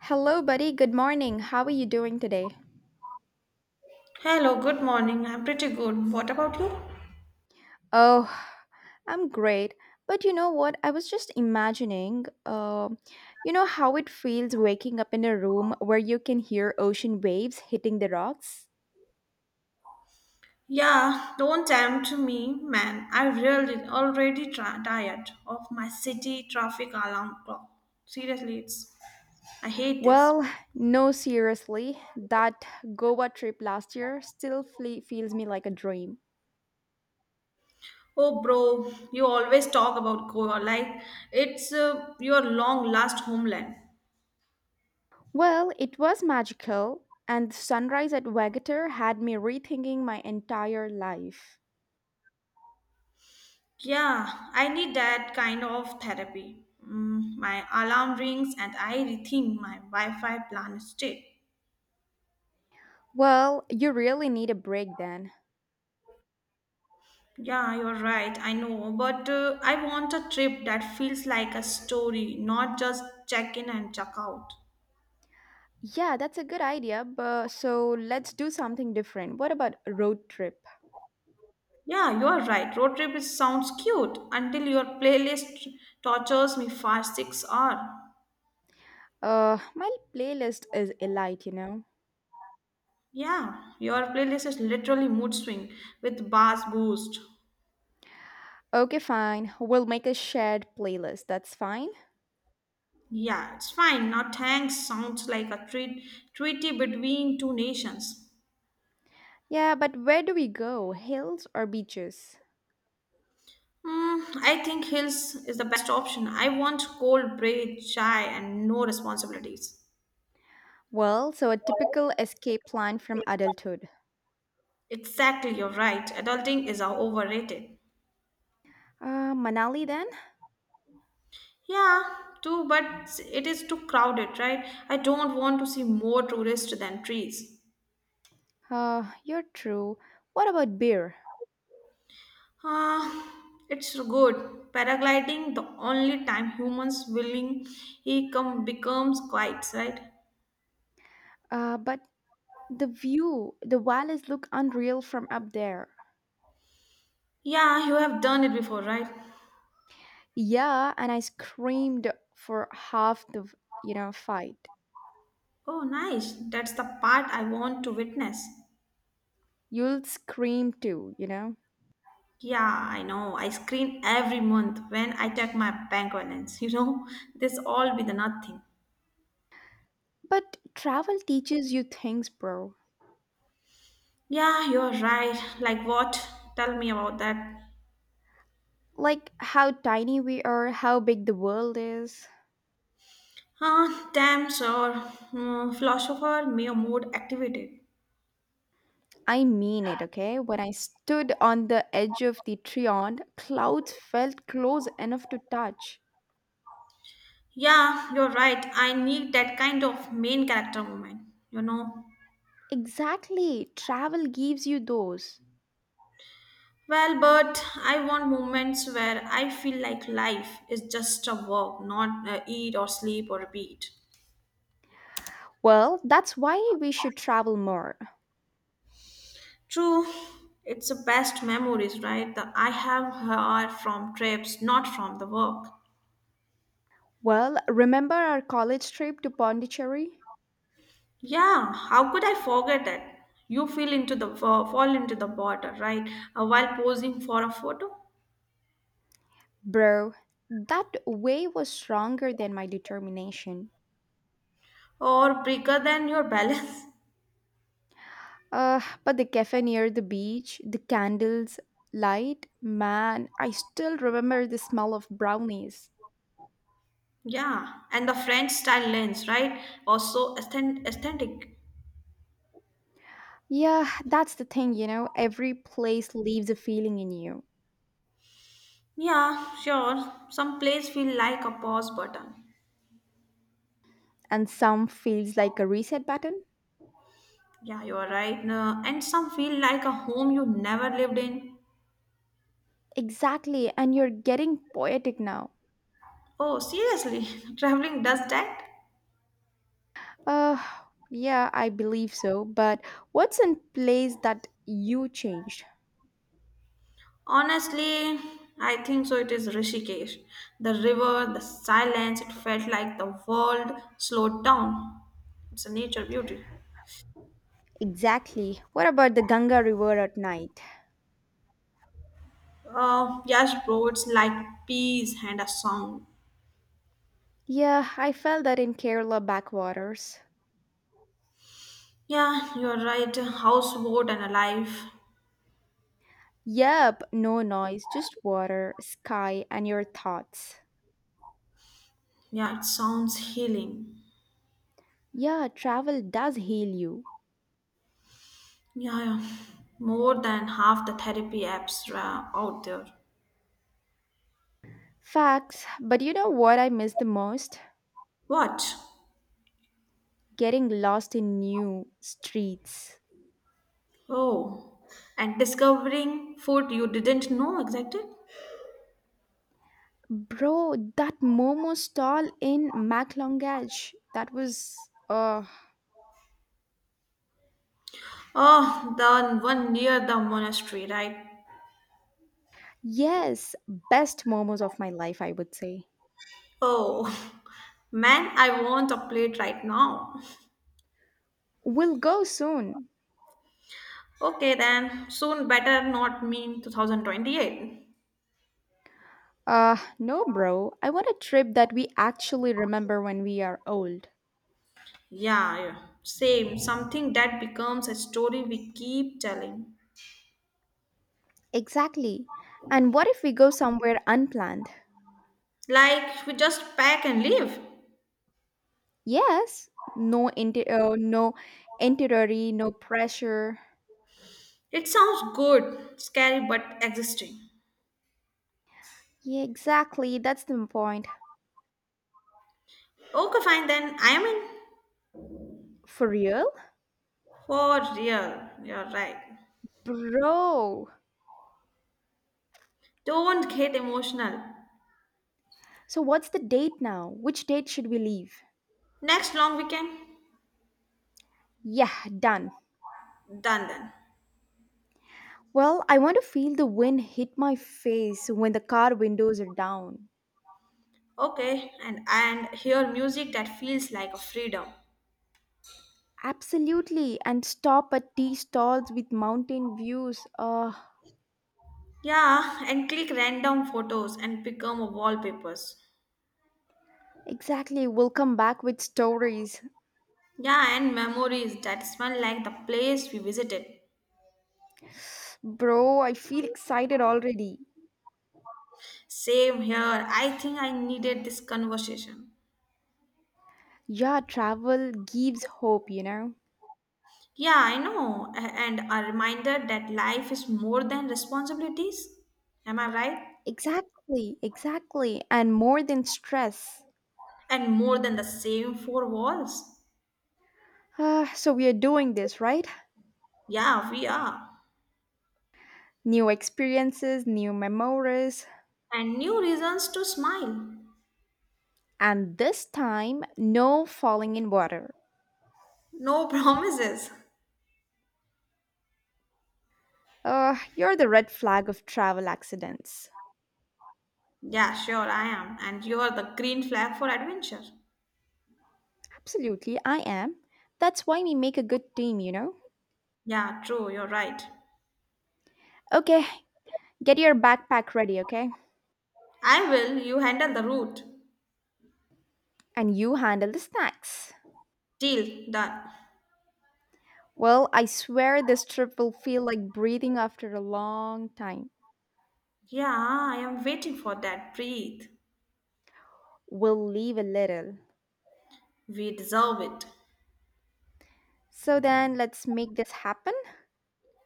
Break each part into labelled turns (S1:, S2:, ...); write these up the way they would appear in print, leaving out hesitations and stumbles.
S1: Hello, buddy. Good morning. How are you doing today?
S2: Hello, good morning. I'm pretty good. What about you?
S1: Oh, I'm great. But you know what? I was just imagining, how it feels waking up in a room where you can hear ocean waves hitting the rocks?
S2: Yeah, don't tempt me, man. I really already tired of my city traffic alarm clock. Seriously, it's. I hate this.
S1: Well, no, seriously. That Goa trip last year still feels me like a dream.
S2: Oh, bro, you always talk about Goa like it's your long last homeland.
S1: Well, it was magical, and the sunrise at Wagatur had me rethinking my entire life.
S2: Yeah, I need that kind of therapy. My alarm rings and I rethink my Wi Fi plan state.
S1: Well, you really need a break then.
S2: Yeah, you're right. I know. But I want a trip that feels like a story, not just check in and check out.
S1: Yeah, that's a good idea. But so let's do something different. What about a road trip?
S2: Yeah, you're right. Road trip is, sounds cute until your playlist tortures me for 6 hours.
S1: My playlist is elite, you know.
S2: Yeah, your playlist is literally mood swing with bass boost.
S1: Okay, fine. We'll make a shared playlist. That's fine.
S2: Yeah, it's fine. Now thanks sounds like a treat, treaty between two nations.
S1: Yeah, but where do we go? Hills or beaches?
S2: Hmm, I think hills is the best option. I want cold bread, chai, and no responsibilities.
S1: Well, so a typical escape plan from adulthood.
S2: Exactly, you're right. Adulting is overrated.
S1: Manali then?
S2: Yeah, too, but it is too crowded, right? I don't want to see more tourists than trees.
S1: You're true. What about beer?
S2: Ah, it's good. Paragliding, the only time humans willing, he come becomes quiet, right?
S1: But the view, the valleys look unreal from up there.
S2: Yeah, you have done it before, right?
S1: Yeah, and I screamed for half the, fight.
S2: Oh, nice. That's the part I want to witness.
S1: You'll scream too, you know?
S2: Yeah, I know. I screen every month when I check my bank balance. This all be the nothing.
S1: But travel teaches you things, bro.
S2: Yeah, you're right. Like what? Tell me about that.
S1: Like how tiny we are, how big the world is.
S2: Huh? Damn, sir. Hmm, philosopher, may mood activated.
S1: I mean it, okay? When I stood on the edge of the Triond, clouds felt close enough to touch.
S2: Yeah, you're right. I need that kind of main character moment, you know.
S1: Exactly, travel gives you those.
S2: Well, but I want moments where I feel like life is just a walk, not eat or sleep or repeat.
S1: Well, that's why we should travel more.
S2: True, it's the best memories, right? That I have heard from trips, not from the work.
S1: Well, remember our college trip to Pondicherry?
S2: Yeah, how could I forget it? You fell into the fall into the water, right? While posing for a photo,
S1: Bro, that way was stronger than my determination.
S2: or bigger than your balance.
S1: But the cafe near the beach, the candles, light, man, I still remember the smell of brownies.
S2: Yeah, and the French style lens, right? Also aesthetic.
S1: Yeah, that's the thing, every place leaves a feeling in you,
S2: Yeah, sure. Some place feel like a pause button.
S1: and some feels like a reset button.
S2: Yeah, you are right. No, and some feel like a home you never lived in.
S1: Exactly, and you're getting poetic now.
S2: Oh, seriously, traveling does that?
S1: Uh, yeah, I believe so, but what's in place that you changed?
S2: Honestly, I think so. It is Rishikesh. The river, the silence, it felt like the world slowed down. It's a nature beauty.
S1: Exactly. What about the Ganga River at night?
S2: Yes, bro, it's like peace and a song.
S1: Yeah, I felt that in Kerala backwaters.
S2: Yeah, you're right. Houseboat and alive.
S1: Yep, no noise, just water, sky, and your thoughts.
S2: Yeah, it sounds healing.
S1: Yeah, travel does heal you.
S2: Yeah, yeah. More than half the therapy apps are out there.
S1: Facts, but you know what I miss the most?
S2: What?
S1: Getting lost in new streets.
S2: Oh, and discovering food you didn't know existed.
S1: Bro, that momo stall in Maclongage, that was,
S2: Oh, the one near the monastery, right?
S1: yes, best momos of my life, I would say.
S2: Oh, man, I want a plate right now.
S1: We'll go soon.
S2: Okay, then, soon better not mean 2028.
S1: No, bro. I want a trip that we actually remember when we are old.
S2: Yeah, yeah, same, something that becomes a story we keep telling.
S1: Exactly. And what if we go somewhere unplanned?
S2: Like, we just pack and leave.
S1: Yes, no no itinerary, no pressure.
S2: It sounds good, scary, but existing.
S1: Yeah, exactly. That's the point.
S2: Okay, fine, then, I am in.
S1: For real?
S2: For real, you're right.
S1: Bro.
S2: Don't get emotional.
S1: So what's the date now? Which date should we leave?
S2: Next long weekend,
S1: Yeah, done.
S2: done then.
S1: Well, I want to feel the wind hit my face when the car windows are down.
S2: Okay, and hear music that feels like a freedom.
S1: Absolutely, and stop at tea stalls with mountain views.
S2: Yeah, and click random photos and become wallpapers.
S1: Exactly, we'll come back with stories.
S2: Yeah, and memories that smell like the place we visited.
S1: Bro, I feel excited already.
S2: Same here. I think I needed this conversation.
S1: Yeah, travel gives hope, you know?
S2: Yeah, I know. And a reminder that life is more than responsibilities. Am I right?
S1: Exactly, exactly, and more than stress.
S2: And more than the same four walls.
S1: Ah, so, we are doing this, right?
S2: Yeah, we are.
S1: New experiences, new memories,
S2: And new reasons to smile.
S1: and this time, no falling in water.
S2: No promises.
S1: You're the red flag of travel accidents.
S2: Yeah, sure, I am. And you are the green flag for adventure.
S1: Absolutely, I am. That's why we make a good team, you know?
S2: Yeah, true, you're right.
S1: Okay, get your backpack ready, okay?
S2: I will, you handle the route.
S1: And you handle the snacks.
S2: Deal, done.
S1: Well, I swear this trip will feel like breathing after a long time.
S2: Yeah, I am waiting for that. Breathe.
S1: We'll leave a little.
S2: We deserve it.
S1: So then, let's make this happen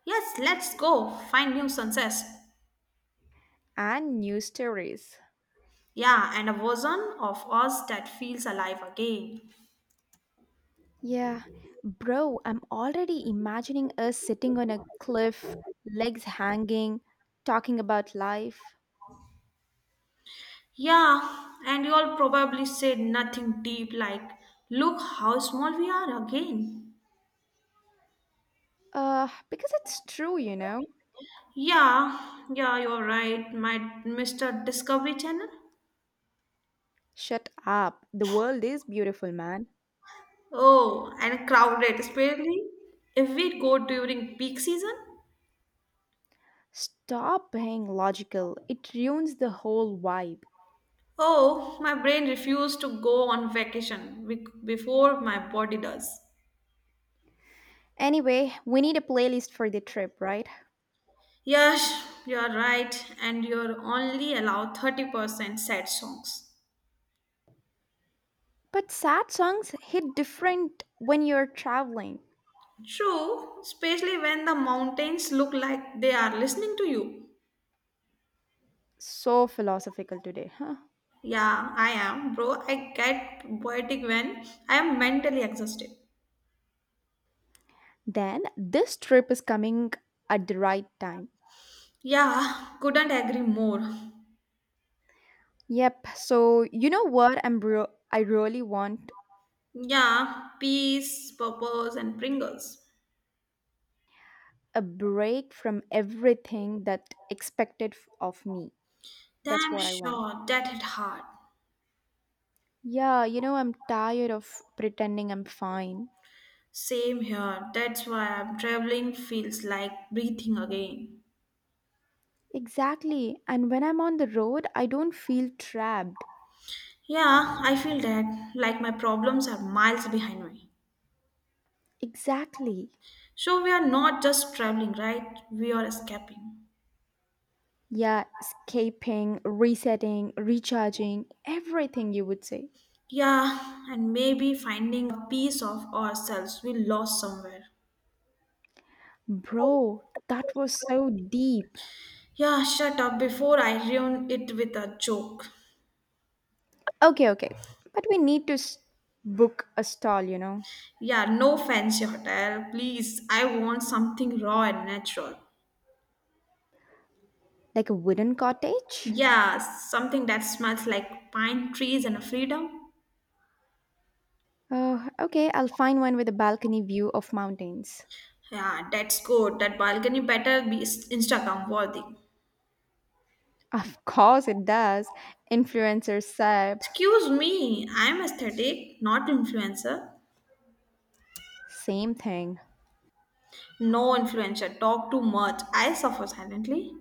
S2: Yes, let's go. Find new sunsets.
S1: and new stories.
S2: Yeah, and a version of us that feels alive again.
S1: Yeah, bro, I'm already imagining us sitting on a cliff, legs hanging, talking about life.
S2: Yeah, and you all probably said nothing deep like, look how small we are again.
S1: Because it's true, you know?
S2: Yeah, yeah, you're right, my Mr. Discovery Channel.
S1: Shut up. The world is beautiful, man.
S2: Oh, and crowded, especially if we go during peak season.
S1: Stop being logical. It ruins the whole vibe.
S2: Oh, my brain refuses to go on vacation before my body does.
S1: Anyway, we need a playlist for the trip, right?
S2: Yes, you're right, and you're only allowed 30% sad songs.
S1: But sad songs hit different when you're traveling.
S2: True, especially when the mountains look like they are listening to you.
S1: So philosophical today, huh?
S2: Yeah, I am, bro. I get poetic when I am mentally exhausted.
S1: Then this trip is coming at the right time.
S2: Yeah, couldn't agree more.
S1: Yep. So, you know what? I really want
S2: Yeah, peas, purples, and Pringles.
S1: a break from everything that of me. That's
S2: Damn
S1: what I want.
S2: sure that hit hard.
S1: Yeah, you know, I'm tired of pretending I'm fine.
S2: Same here. That's why I'm traveling feels like breathing again.
S1: Exactly. And when I'm on the road, I don't feel trapped.
S2: Yeah, I feel that like my problems are miles behind me.
S1: Exactly.
S2: So we are not just traveling, right? We are escaping.
S1: Yeah, escaping, resetting, recharging, everything you would say.
S2: Yeah, and maybe finding a piece of ourselves we lost somewhere.
S1: Bro, that was so deep.
S2: Yeah, shut up before I ruin it with a joke.
S1: Okay, okay. But we need to book a stall,
S2: Yeah, no fancy hotel, please. I want something raw and natural.
S1: like a wooden cottage.
S2: Yeah, something that smells like pine trees and freedom.
S1: Oh, okay, I'll find one with a balcony view of mountains.
S2: Yeah, that's good. That balcony better be Instagram worthy.
S1: Of course it does. Influencer Seb.
S2: Excuse me, I'm aesthetic, not influencer.
S1: Same thing.
S2: No influencer, talk too much. I suffer silently.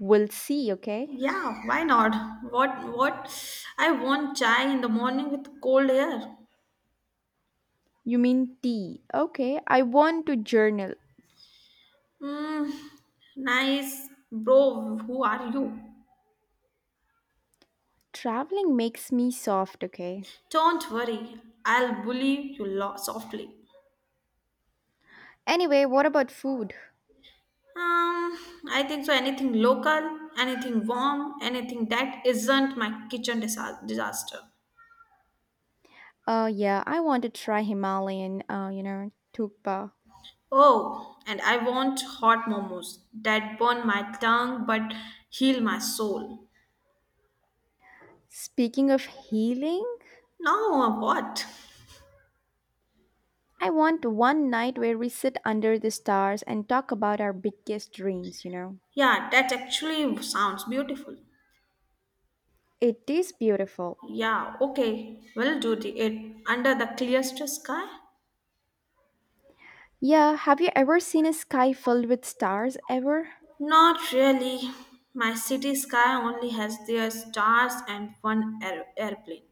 S1: We'll see, okay?
S2: Yeah, why not? What? I want chai in the morning with cold air.
S1: You mean tea. Okay, I want to journal.
S2: Hmm, nice. Bro, who are you?
S1: Traveling makes me soft, okay?
S2: Don't worry, I'll bully you softly.
S1: Anyway, what about food?
S2: Um, I think so. Anything local, anything warm, anything that isn't my kitchen disaster.
S1: Yeah, I want to try Himalayan, tukpa.
S2: Oh, and I want hot momos that burn my tongue but heal my soul.
S1: Speaking of healing,
S2: Now what?
S1: I want one night where we sit under the stars and talk about our biggest dreams, you know?
S2: Yeah, that actually sounds beautiful.
S1: It is beautiful.
S2: Yeah, okay, we'll do the, it under the clearest sky.
S1: Yeah, have you ever seen a sky filled with stars ever?
S2: Not really. My city sky only has their stars and one airplane.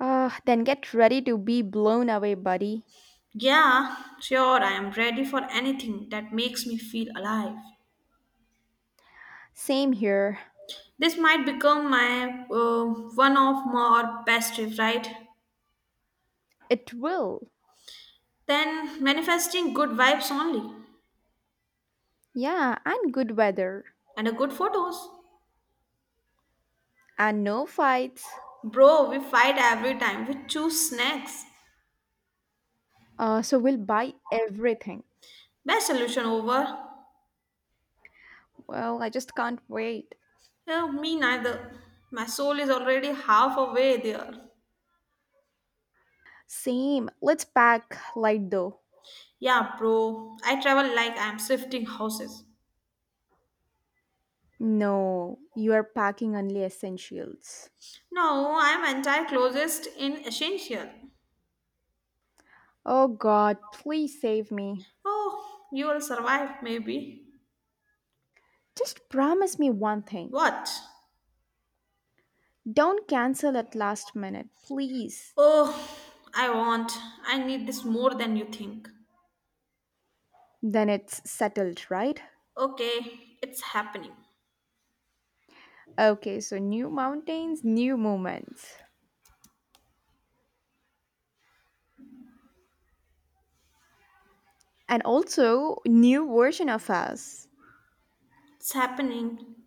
S1: Then get ready to be blown away, buddy.
S2: Yeah, sure, I am ready for anything that makes me feel alive.
S1: Same here.
S2: This might become my one of more best trip, right?
S1: It will.
S2: Then manifesting good vibes only
S1: Yeah, and good weather.
S2: and a good photos.
S1: And no fights.
S2: Bro, we fight every time. We choose snacks.
S1: So we'll buy everything.
S2: Best solution over.
S1: Well, I just can't wait.
S2: Oh, me neither. My soul is already half away there.
S1: Same. Let's pack light though.
S2: Yeah, bro. I travel like I'm shifting houses.
S1: No, you are packing only essentials.
S2: No, I'm anti-closest in essential.
S1: Oh god, please save me.
S2: Oh, you will survive, maybe.
S1: Just promise me one thing.
S2: What?
S1: Don't cancel at last minute, please.
S2: Oh, I want. I need this more than you think.
S1: Then it's settled, right?
S2: Okay, it's happening.
S1: Okay, so new mountains, new moments, and also new version of us.
S2: It's happening.